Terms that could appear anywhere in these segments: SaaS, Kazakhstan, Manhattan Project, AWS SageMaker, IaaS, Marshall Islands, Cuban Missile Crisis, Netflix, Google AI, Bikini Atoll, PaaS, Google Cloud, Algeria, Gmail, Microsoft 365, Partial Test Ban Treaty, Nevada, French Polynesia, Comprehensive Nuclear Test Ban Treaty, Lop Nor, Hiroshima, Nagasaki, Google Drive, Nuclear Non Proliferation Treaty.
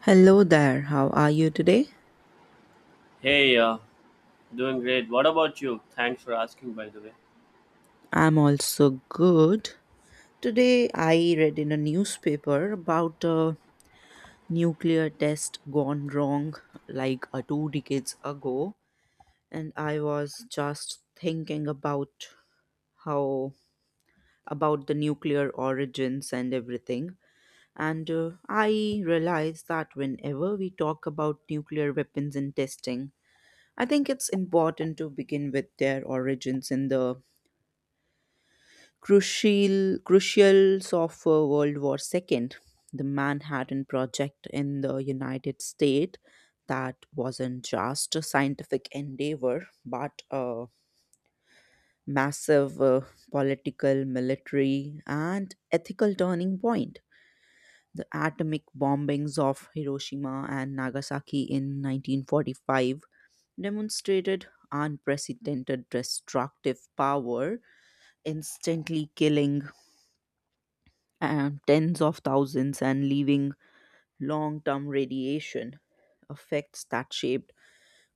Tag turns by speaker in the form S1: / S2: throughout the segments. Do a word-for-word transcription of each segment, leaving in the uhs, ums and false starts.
S1: Hello there, how are you today?
S2: Hey, uh, doing great. What about you? Thanks for asking, by the way.
S1: I'm also good. Today I read in a newspaper about a nuclear test gone wrong like uh, two decades ago, and I was just thinking about how about the nuclear origins and everything. And uh, I realized that whenever we talk about nuclear weapons and testing, I think it's important to begin with their origins in the crucial crucials of uh, World War two, the Manhattan Project in the United States, that wasn't just a scientific endeavor, but a massive uh, political, military, and ethical turning point. The atomic bombings of Hiroshima and Nagasaki in nineteen forty-five demonstrated unprecedented destructive power, instantly killing uh, tens of thousands and leaving long term radiation effects that shaped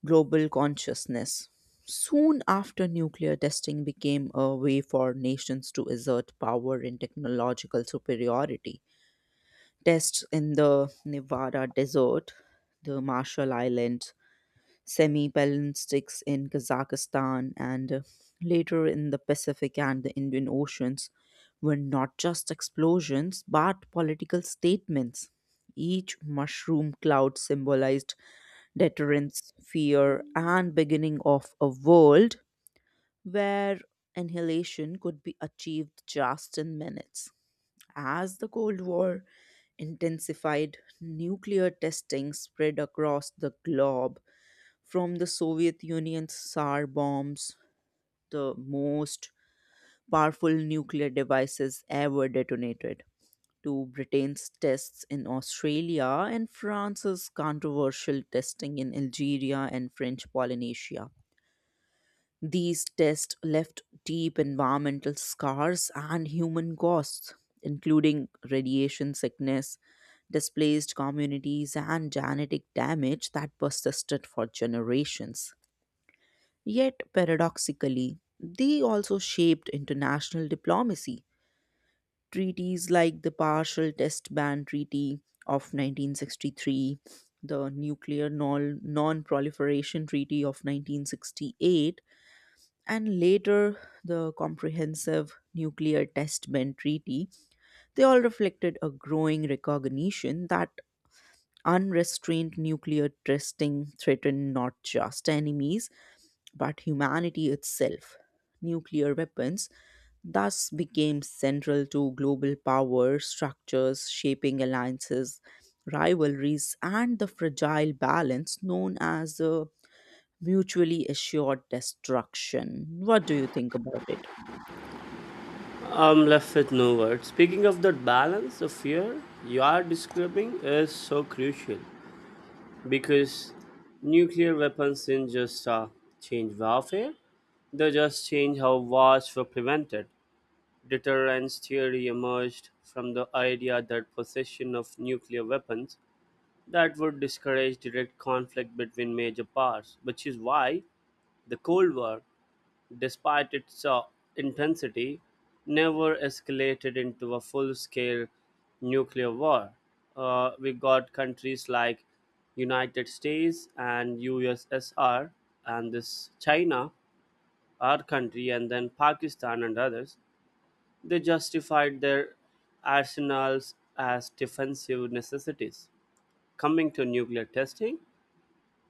S1: global consciousness. Soon after, nuclear testing became a way for nations to assert power and technological superiority. Tests in the Nevada desert, the Marshall Islands, semi ballistics in Kazakhstan, and uh, later in the Pacific and the Indian Oceans, were not just explosions but political statements. Each mushroom cloud symbolized deterrence, fear, and beginning of a world where annihilation could be achieved just in minutes. As the Cold War intensified, nuclear testing spread across the globe, from the Soviet Union's sar bombs, the most powerful nuclear devices ever detonated, to Britain's tests in Australia and France's controversial testing in Algeria and French Polynesia. These tests left deep environmental scars and human costs, including radiation sickness, displaced communities, and genetic damage that persisted for generations. Yet, paradoxically, they also shaped international diplomacy. Treaties like the Partial Test Ban Treaty of nineteen sixty-three, the Nuclear Non Proliferation Treaty of nineteen sixty-eight, and later the Comprehensive Nuclear Test Ban Treaty, they all reflected a growing recognition that unrestrained nuclear testing threatened not just enemies but humanity itself. Nuclear weapons thus became central to global power structures, shaping alliances, rivalries, and the fragile balance known as uh, mutually assured destruction. What do you think about it?
S2: I'm left with no words. Speaking of that balance of fear you are describing is so crucial because nuclear weapons didn't just uh, change warfare, they just change how wars were prevented. Deterrence theory emerged from the idea that possession of nuclear weapons that would discourage direct conflict between major powers, which is why the Cold War despite its uh, intensity, never escalated into a full scale nuclear war. Uh, we got countries like United States and U S S R and this China, our country, and then Pakistan and others. They justified their arsenals as defensive necessities. Coming to nuclear testing,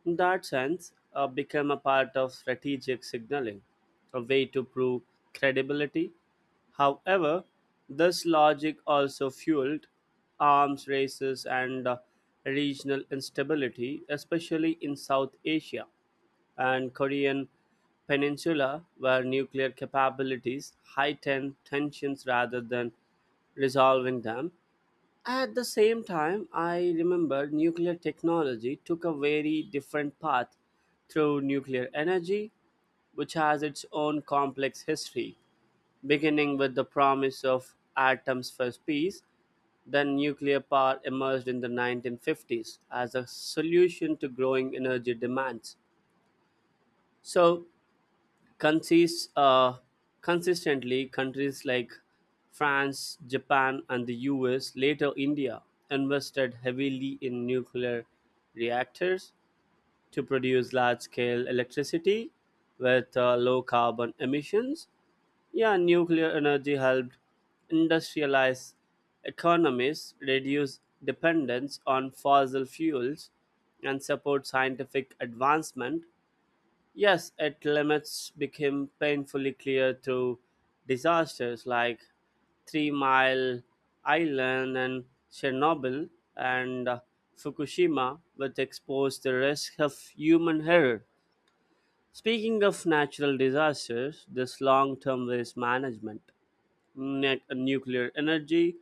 S2: in that sense, uh, become a part of strategic signaling, a way to prove credibility. However, this logic also fueled arms races and uh, regional instability, especially in South Asia and Korean Peninsula, where nuclear capabilities heightened tensions rather than resolving them. At the same time, I remember nuclear technology took a very different path through nuclear energy, which has its own complex history, beginning with the promise of atoms for peace. Then nuclear power emerged in the nineteen fifties as a solution to growing energy demands. So, consists uh, consistently countries like France, Japan, and the U S, later India, invested heavily in nuclear reactors to produce large scale electricity with uh, low carbon emissions. Yeah, nuclear energy helped industrialize economies, reduce dependence on fossil fuels, and support scientific advancement. Yes, its limits became painfully clear through disasters like Three Mile Island and Chernobyl and uh, Fukushima, which exposed the risk of human error. Speaking of natural disasters, this long term waste management, ne- nuclear energy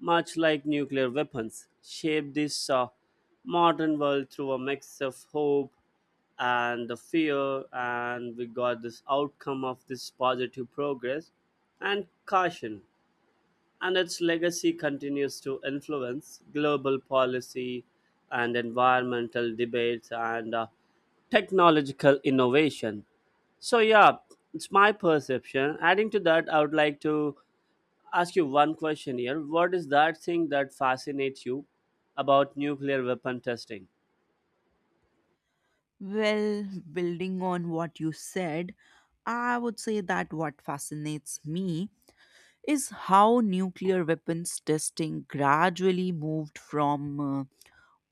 S2: much like nuclear weapons, shape this uh, modern world through a mix of hope and the fear. And we got this outcome of this positive progress and caution. And its legacy continues to influence global policy and environmental debates and uh, technological innovation. So, yeah, it's my perception. Adding to that, I would like to ask you one question here. What is that thing that fascinates you about nuclear weapon testing?
S1: Well, building on what you said, I would say that what fascinates me is how nuclear weapons testing gradually moved from uh,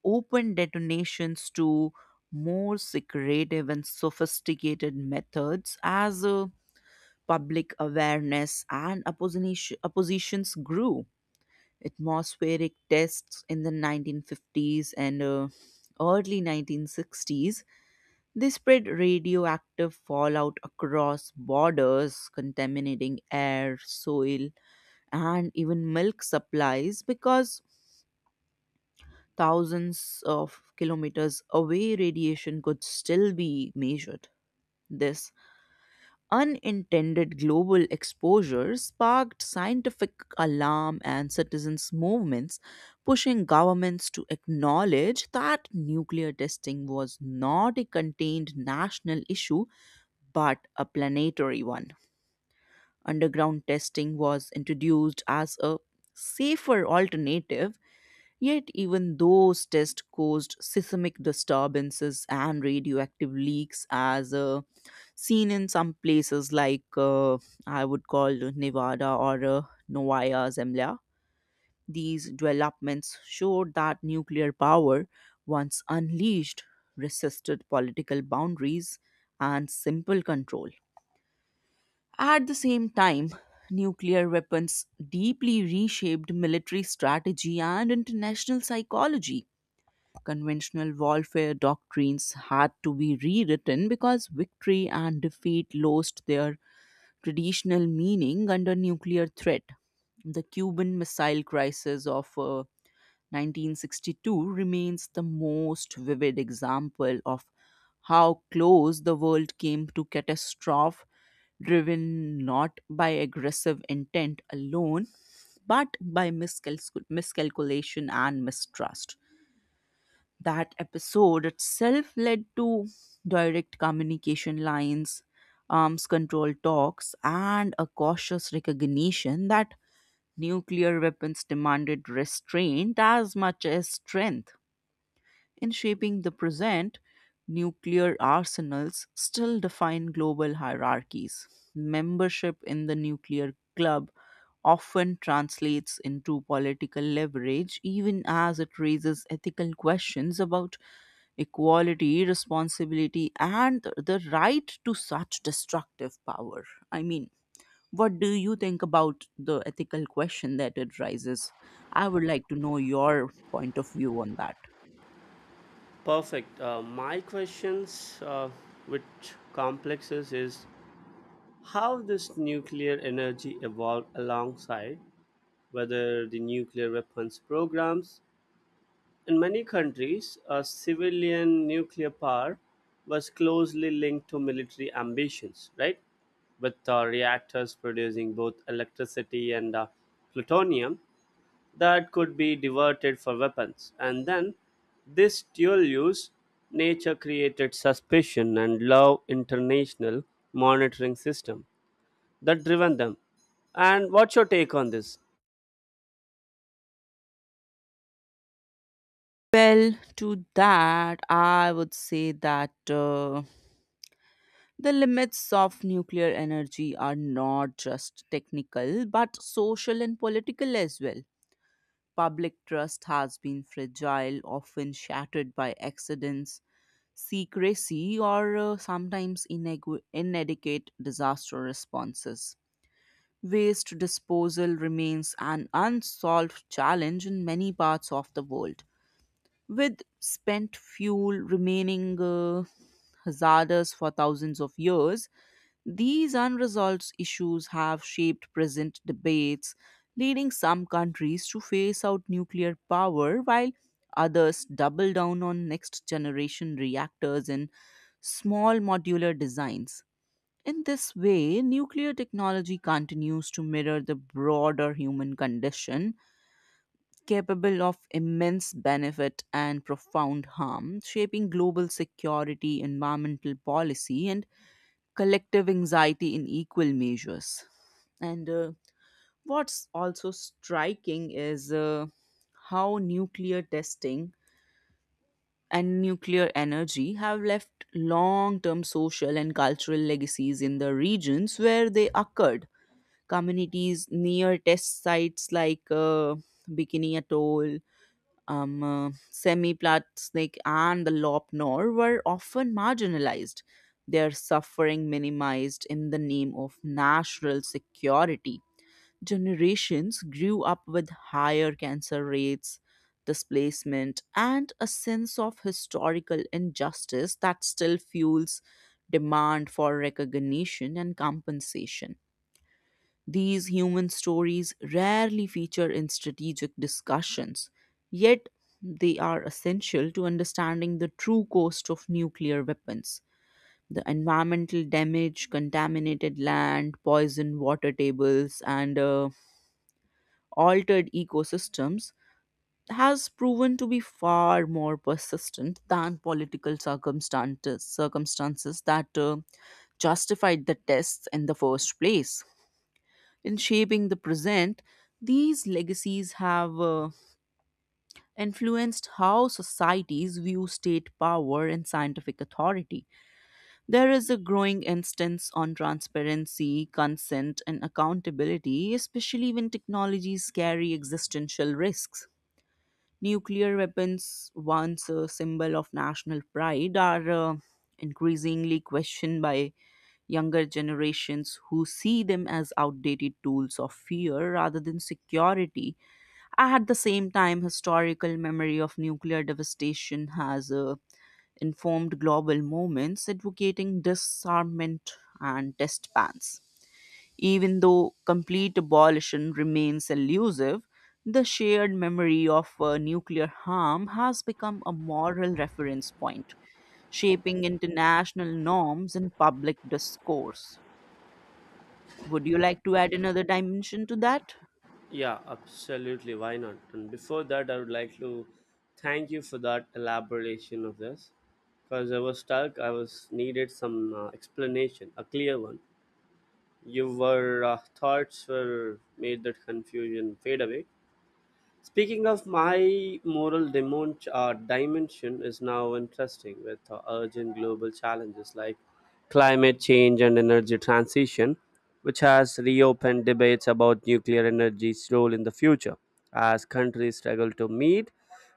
S1: open detonations to more secretive and sophisticated methods as uh, public awareness and opposition, oppositions grew. Atmospheric tests in the nineteen fifties and uh, early nineteen sixties, they spread radioactive fallout across borders, contaminating air, soil, and even milk supplies, because thousands of kilometers away radiation could still be measured. This unintended global exposure sparked scientific alarm and citizens' movements, pushing governments to acknowledge that nuclear testing was not a contained national issue but a planetary one. Underground testing was introduced as a safer alternative. Yet, even those tests caused seismic disturbances and radioactive leaks, as uh, seen in some places like uh, I would call Nevada or uh, Novaya Zemlya. These developments showed that nuclear power, once unleashed, resisted political boundaries and simple control. At the same time, nuclear weapons deeply reshaped military strategy and international psychology. Conventional warfare doctrines had to be rewritten because victory and defeat lost their traditional meaning under nuclear threat. The Cuban Missile Crisis of uh, nineteen sixty-two remains the most vivid example of how close the world came to catastrophe, driven not by aggressive intent alone, but by miscalcul- miscalculation and mistrust. That episode itself led to direct communication lines, arms control talks, and a cautious recognition that nuclear weapons demanded restraint as much as strength. In shaping the present, nuclear arsenals still define global hierarchies. Membership in the nuclear club often translates into political leverage, even as it raises ethical questions about equality, responsibility, and the right to such destructive power. I mean, what do you think about the ethical question that it raises? I would like to know your point of view on that.
S2: Perfect. Uh, my questions, uh, which complexes, is how this nuclear energy evolved alongside whether the nuclear weapons programs. In many countries, uh, civilian nuclear power was closely linked to military ambitions, right? With uh, reactors producing both electricity and uh, plutonium that could be diverted for weapons. And then this dual use nature created suspicion and low international monitoring system that driven them. And what's your take on this?
S1: Well, to that, I would say that uh, the limits of nuclear energy are not just technical but social and political as well. Public trust has been fragile, often shattered by accidents, secrecy, or uh, sometimes inegu- inadequate disaster responses. Waste disposal remains an unsolved challenge in many parts of the world, with spent fuel remaining uh, hazardous for thousands of years. These unresolved issues have shaped present debates, leading some countries to phase out nuclear power while others double down on next generation reactors and small modular designs. In this way, nuclear technology continues to mirror the broader human condition, capable of immense benefit and profound harm, shaping global security, environmental policy, and collective anxiety in equal measures. And uh, what's also striking is uh, how nuclear testing and nuclear energy have left long term social and cultural legacies in the regions where they occurred. Communities near test sites like uh, Bikini Atoll, um, uh, Semi Platsnik, and the Lop Nor were often marginalized, their suffering minimized in the name of national security. Generations grew up with higher cancer rates, displacement, and a sense of historical injustice that still fuels demand for recognition and compensation. These human stories rarely feature in strategic discussions, yet, they are essential to understanding the true cost of nuclear weapons. The environmental damage, contaminated land, poisoned water tables, and uh, altered ecosystems has proven to be far more persistent than political circumstances circumstances that uh, justified the tests in the first place. In shaping the present, these legacies have uh, influenced how societies view state power and scientific authority. There is a growing instance on transparency, consent and accountability, especially when technologies carry existential risks. Nuclear weapons, once a symbol of national pride, are uh, increasingly questioned by younger generations who see them as outdated tools of fear rather than security. At the same time, historical memory of nuclear devastation has uh, informed global movements advocating disarmament and test bans. Even though complete abolition remains elusive, the shared memory of uh, nuclear harm has become a moral reference point, shaping international norms and public discourse. Would you like to add another dimension to that?
S2: Yeah, absolutely. Why not? And before that, I would like to thank you for that elaboration of this because I was stuck. I was needed some uh, explanation, a clear one. Your uh, thoughts were made that confusion fade away. Speaking of my moral dimon- uh, dimension is now interesting with uh, urgent global challenges like climate change and energy transition, which has reopened debates about nuclear energy's role in the future as countries struggle to meet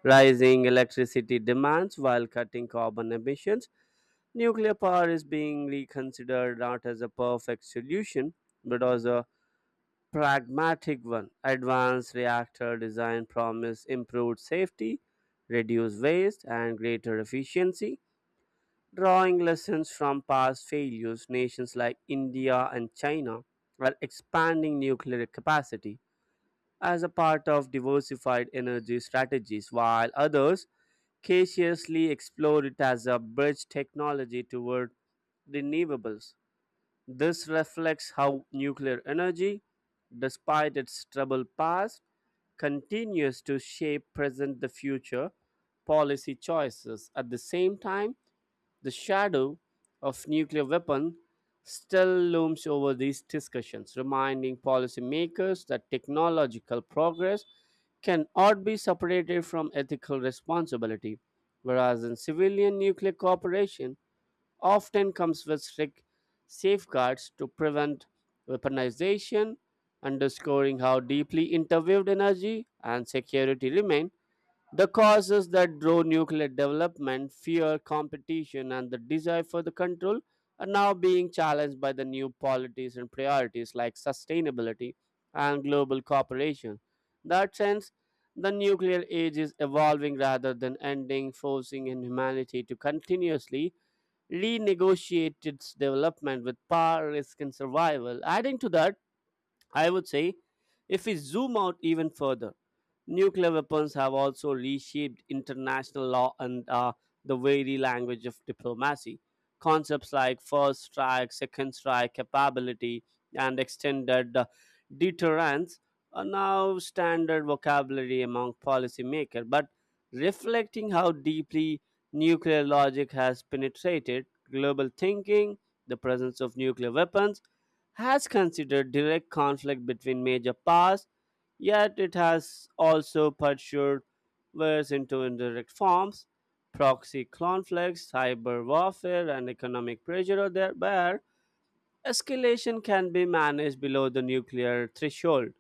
S2: rising electricity demands while cutting carbon emissions. Nuclear power is being reconsidered not as a perfect solution but as a pragmatic one. Advanced reactor design promise improved safety, reduced waste, and greater efficiency, drawing lessons from past failures. Nations like India and China are expanding nuclear capacity as a part of diversified energy strategies, while others cautiously explore it as a bridge technology toward renewables. This reflects how nuclear energy, despite its troubled past, continues to shape present the future policy choices. At the same time, the shadow of nuclear weapon still looms over these discussions, reminding policymakers that technological progress cannot be separated from ethical responsibility. Whereas in civilian nuclear cooperation, often comes with strict safeguards to prevent weaponization, underscoring how deeply interweaved energy and security remain the causes that drove nuclear development, fear, competition, and the desire for the control are now being challenged by the new policies and priorities like sustainability and global cooperation. In that sense, the nuclear age is evolving rather than ending, forcing in humanity to continuously renegotiated its development with power, risk, and survival. Adding to that, I would say if we zoom out even further, nuclear weapons have also reshaped international law and uh, the very language of diplomacy. Concepts like first strike, second strike, capability, and extended uh, deterrence are now standard vocabulary among policymakers. But reflecting how deeply nuclear logic has penetrated global thinking, the presence of nuclear weapons has considered direct conflict between major powers, yet it has also pursued wars into indirect forms. Proxy conflicts, cyber warfare, and economic pressure are there, where escalation can be managed below the nuclear threshold.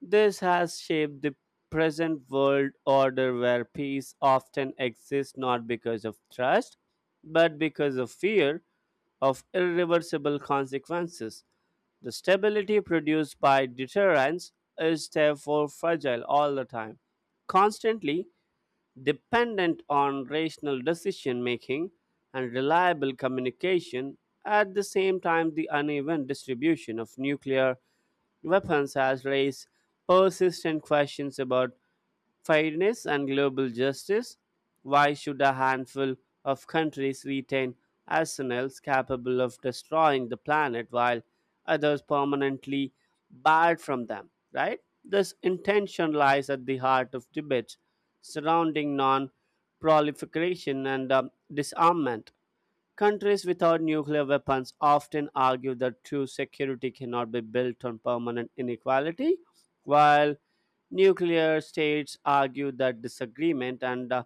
S2: This has shaped the present world order where peace often exists not because of trust, but because of fear of irreversible consequences. The stability produced by deterrence is therefore fragile all the time, constantly dependent on rational decision making and reliable communication. At the same time, the uneven distribution of nuclear weapons has raised persistent questions about fairness and global justice. Why should a handful of countries retain arsenals capable of destroying the planet while others permanently barred from them? Right? This intention lies at the heart of debates surrounding non proliferation and um, disarmament. Countries without nuclear weapons often argue that true security cannot be built on permanent inequality, while nuclear states argue that disagreement and uh,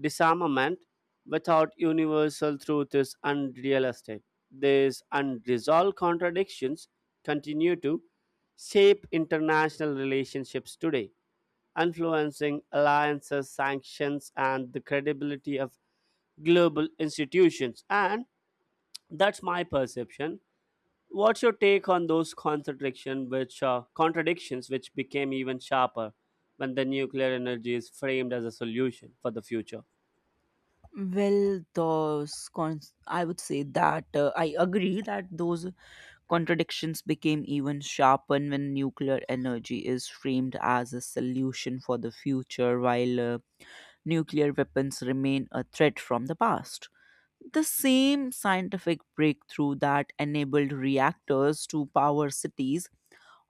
S2: disarmament without universal truth is unrealistic. These unresolved contradictions continue to shape international relationships today, influencing alliances, sanctions, and the credibility of global institutions. And that's my perception. What's your take on those contradiction which uh, contradictions which became even sharper when the nuclear energy is framed as a solution for the future?
S1: Well, those cons- I would say that uh, I agree that those contradictions became even sharper when nuclear energy is framed as a solution for the future, while uh, nuclear weapons remain a threat from the past. The same scientific breakthrough that enabled reactors to power cities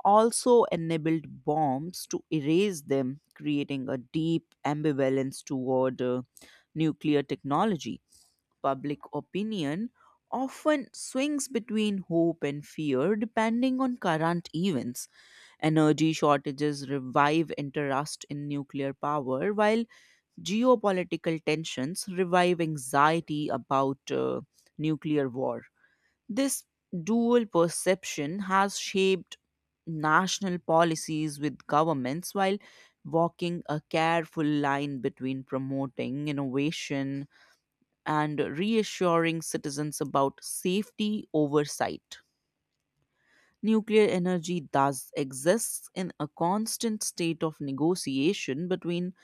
S1: also enabled bombs to erase them, creating a deep ambivalence toward uh, nuclear technology. Public opinion often swings between hope and fear depending on current events. Energy shortages revive interest in nuclear power, while geopolitical tensions revive anxiety about uh, nuclear war. This dual perception has shaped national policies, with governments while walking a careful line between promoting innovation and reassuring citizens about safety oversight. Nuclear energy does exist in a constant state of negotiation between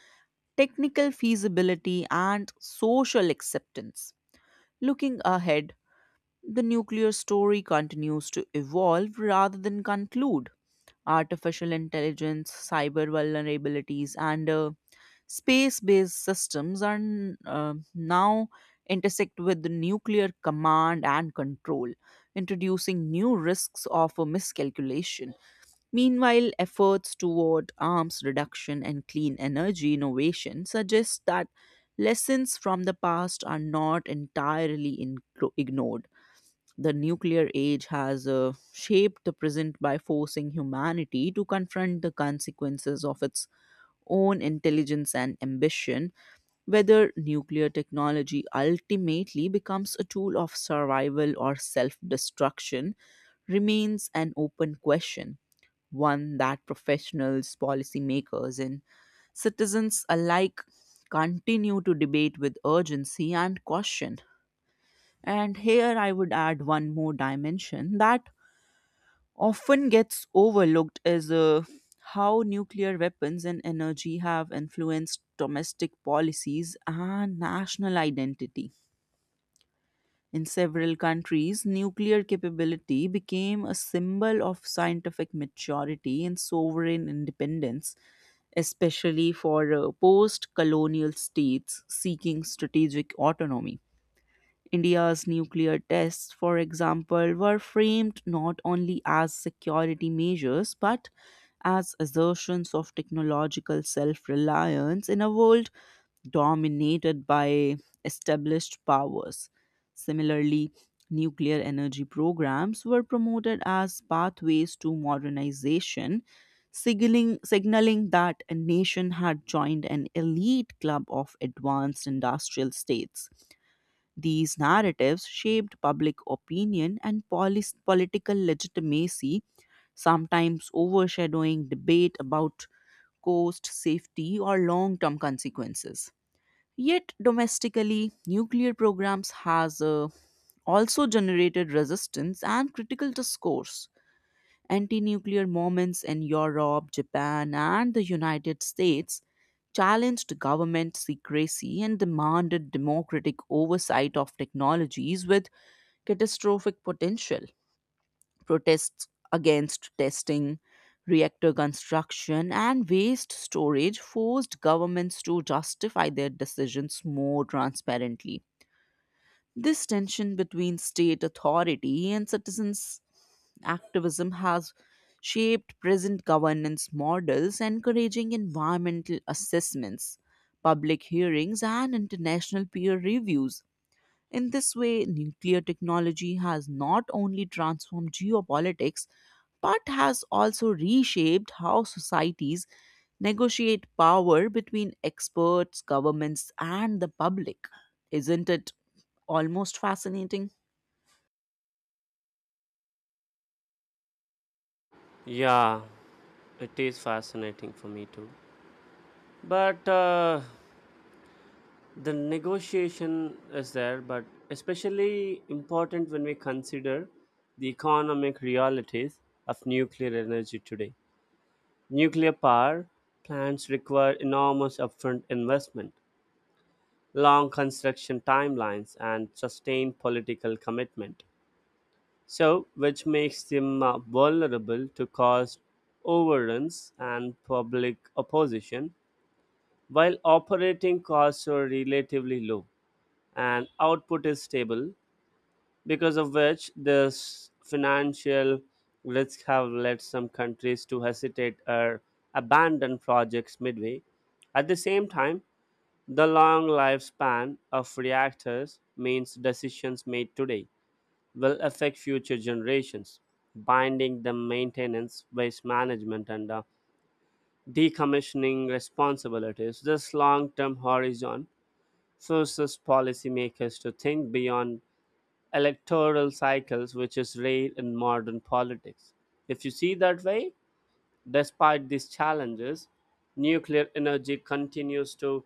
S1: technical feasibility and social acceptance. Looking ahead, the nuclear story continues to evolve rather than conclude. Artificial intelligence, cyber vulnerabilities, and uh, space based systems are uh, now intersect with the nuclear command and control, introducing new risks of a miscalculation. Meanwhile, efforts toward arms reduction and clean energy innovation suggest that lessons from the past are not entirely inclo- ignored. The nuclear age has uh, shaped the present by forcing humanity to confront the consequences of its own intelligence and ambition. Whether nuclear technology ultimately becomes a tool of survival or self destruction remains an open question, one that professionals, policymakers, and citizens alike continue to debate with urgency and caution. And here I would add one more dimension that often gets overlooked is uh, how nuclear weapons and energy have influenced domestic policies and national identity. In several countries, nuclear capability became a symbol of scientific maturity and sovereign independence, especially for uh, post colonial states seeking strategic autonomy. India's nuclear tests, for example, were framed not only as security measures but as assertions of technological self reliance in a world dominated by established powers. Similarly, nuclear energy programs were promoted as pathways to modernization, signaling, signaling that a nation had joined an elite club of advanced industrial states. These narratives shaped public opinion and polis- political legitimacy, sometimes overshadowing debate about cost, safety, or long term consequences. Yet domestically, nuclear programs has uh, also generated resistance and critical discourse. Anti-nuclear movements in Europe, Japan, and the United States challenged government secrecy and demanded democratic oversight of technologies with catastrophic potential. Protests against testing, reactor construction, and waste storage forced governments to justify their decisions more transparently. This tension between state authority and citizens' activism has shaped present governance models, encouraging environmental assessments, public hearings, and international peer reviews. In this way, nuclear technology has not only transformed geopolitics but has also reshaped how societies negotiate power between experts, governments, and the public. Isn't it almost fascinating?
S2: Yeah, it is fascinating for me too. But uh, the negotiation is there, but especially important when we consider the economic realities of nuclear energy today. Nuclear power plants require enormous upfront investment long construction timelines, and sustained political commitment. So, which makes them uh, vulnerable to cost overruns and public opposition, while operating costs are relatively low and output is stable, because of which this financial risks have led some countries to hesitate or abandon projects midway. At the same time, the long lifespan of reactors means decisions made today will affect future generations, binding the maintenance, waste management, and uh, decommissioning responsibilities. This long term horizon forces policymakers to think beyond electoral cycles, which is rare in modern politics. If you see that way, despite these challenges, nuclear energy continues to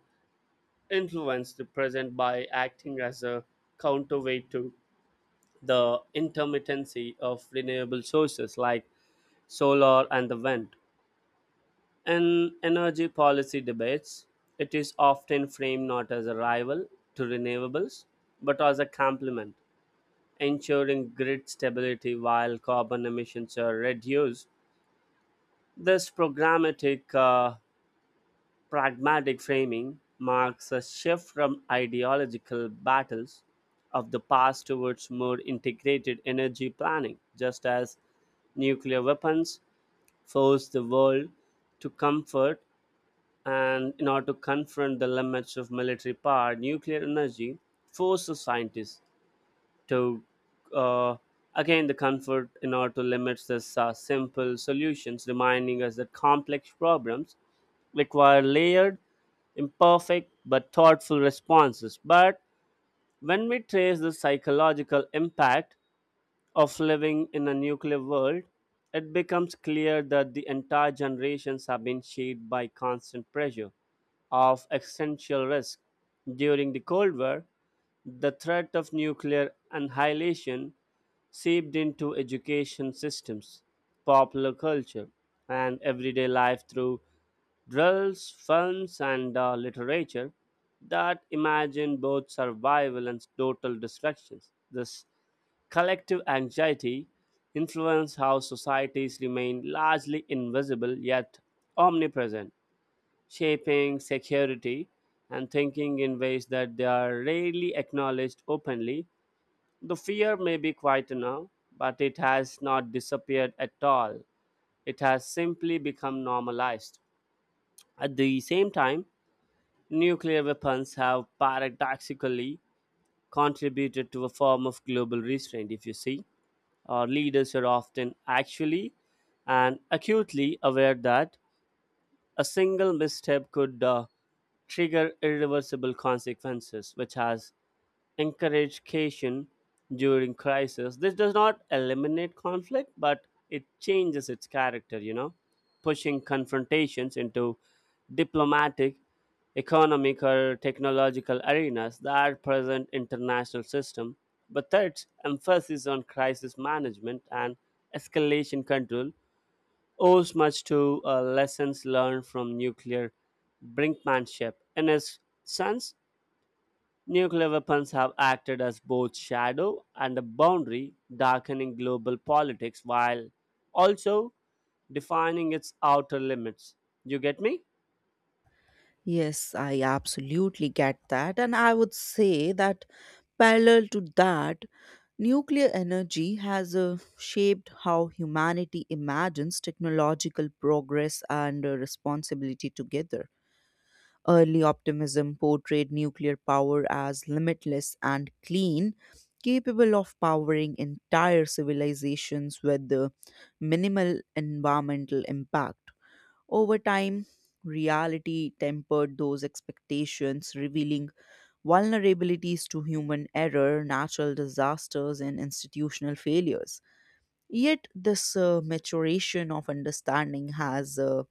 S2: influence the present by acting as a counterweight to the intermittency of renewable sources like solar and the wind. In energy policy debates, it is often framed not as a rival to renewables but as a complement, ensuring grid stability while carbon emissions are reduced. This programmatic uh, pragmatic framing marks a shift from ideological battles of the past towards more integrated energy planning, just as nuclear weapons force the world to comfort and in order to confront the limits of military power, nuclear energy forces scientists to uh, again the comfort in order to limit this uh, simple solutions, reminding us that complex problems require layered, imperfect, but thoughtful responses. But when we trace the psychological impact of living in a nuclear world, it becomes clear that the entire generations have been shaped by constant pressure of existential risk. During the Cold War, the threat of nuclear annihilation seeped into education systems, popular culture, and everyday life through drills, films, and uh, literature that imagine both survival and total destructions. This collective anxiety influences how societies remain largely invisible yet omnipresent, shaping security and thinking in ways that they are rarely acknowledged openly. The fear may be quite now, but it has not disappeared at all. It has simply become normalized. At the same time, nuclear weapons have paradoxically contributed to a form of global restraint, if you see. Our leaders are often actually and acutely aware that a single misstep could uh, trigger irreversible consequences, which has encouraged caution during crisis. This does not eliminate conflict, but it changes its character, you know, pushing confrontations into diplomatic, economic, or technological arenas that present international system. But third, emphasis on crisis management and escalation control owes much to uh, lessons learned from nuclear brinkmanship. In his sense, nuclear weapons have acted as both shadow and a boundary, darkening global politics while also defining its outer limits. You get me?
S1: Yes, I absolutely get that. And I would say that parallel to that, nuclear energy has uh, shaped how humanity imagines technological progress and uh, responsibility together. Early optimism portrayed nuclear power as limitless and clean, capable of powering entire civilizations with uh, minimal environmental impact. Over time, reality tempered those expectations, revealing vulnerabilities to human error, natural disasters, and institutional failures. Yet, this uh, maturation of understanding has uh,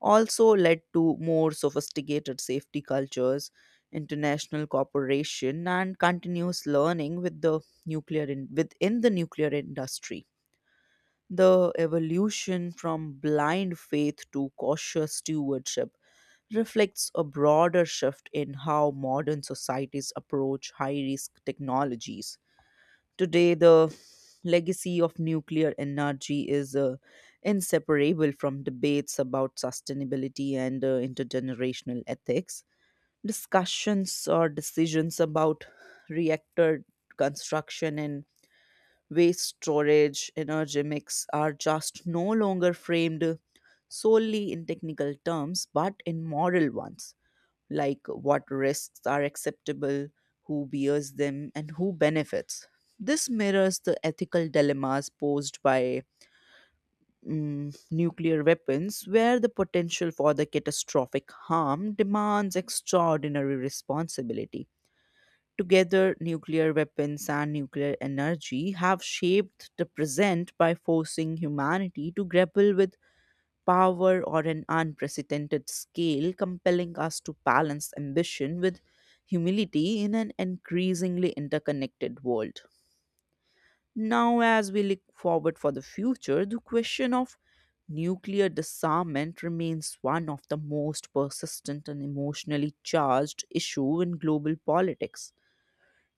S1: also led to more sophisticated safety cultures, international cooperation, and continuous learning with the nuclear in- within the nuclear industry. The evolution from blind faith to cautious stewardship reflects a broader shift in how modern societies approach high risk technologies. Today, the legacy of nuclear energy is uh, inseparable from debates about sustainability and uh, intergenerational ethics. Discussions or decisions about reactor construction and waste storage energy mix are just no longer framed solely in technical terms but in moral ones, like what risks are acceptable, who bears them, and who benefits. This mirrors the ethical dilemmas posed by mm, nuclear weapons, where the potential for the catastrophic harm demands extraordinary responsibility. Together, nuclear weapons and nuclear energy have shaped the present by forcing humanity to grapple with power or an unprecedented scale, compelling us to balance ambition with humility in an increasingly interconnected world. Now, as we look forward for the future, the question of nuclear disarmament remains one of the most persistent and emotionally charged issue in global politics.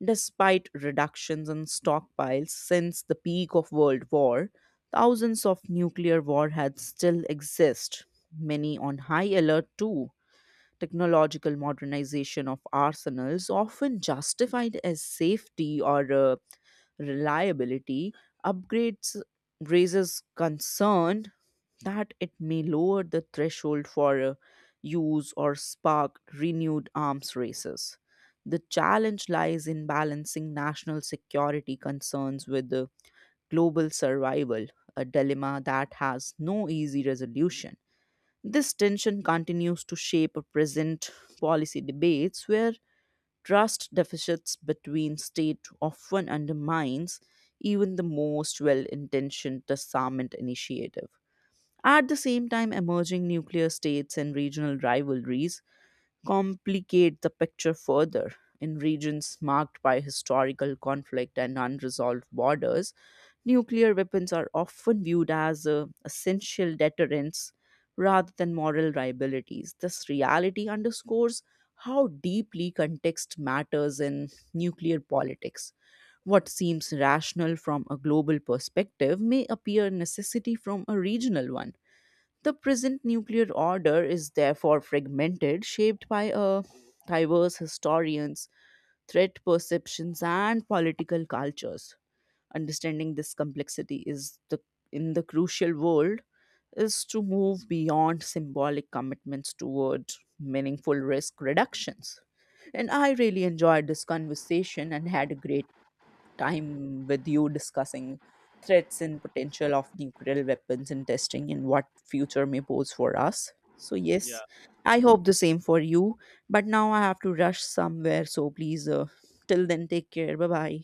S1: Despite reductions in stockpiles since the peak of World War, thousands of nuclear warheads still exist, many on high alert too. Technological modernization of arsenals, often justified as safety or uh, reliability, upgrades raises concern that it may lower the threshold for uh, use or spark renewed arms races. The challenge lies in balancing national security concerns with the global survival, a dilemma that has no easy resolution. This tension continues to shape present policy debates where trust deficits between states often undermines even the most well intentioned disarmament initiative. At the same time, emerging nuclear states and regional rivalries complicate the picture further. In regions marked by historical conflict and unresolved borders, nuclear weapons are often viewed as uh, essential deterrents rather than moral liabilities. This reality underscores how deeply context matters in nuclear politics. What seems rational from a global perspective may appear necessity from a regional one. The present nuclear order is therefore fragmented, shaped by a diverse historians, threat perceptions, and political cultures. Understanding this complexity is the in the crucial world is to move beyond symbolic commitments toward meaningful risk reductions. And I really enjoyed this conversation and had a great time with you discussing threats and potential of nuclear weapons and testing and what future may pose for us. So yes, I hope the same for you. But now I have to rush somewhere. So please, uh, till then, take care. Bye bye.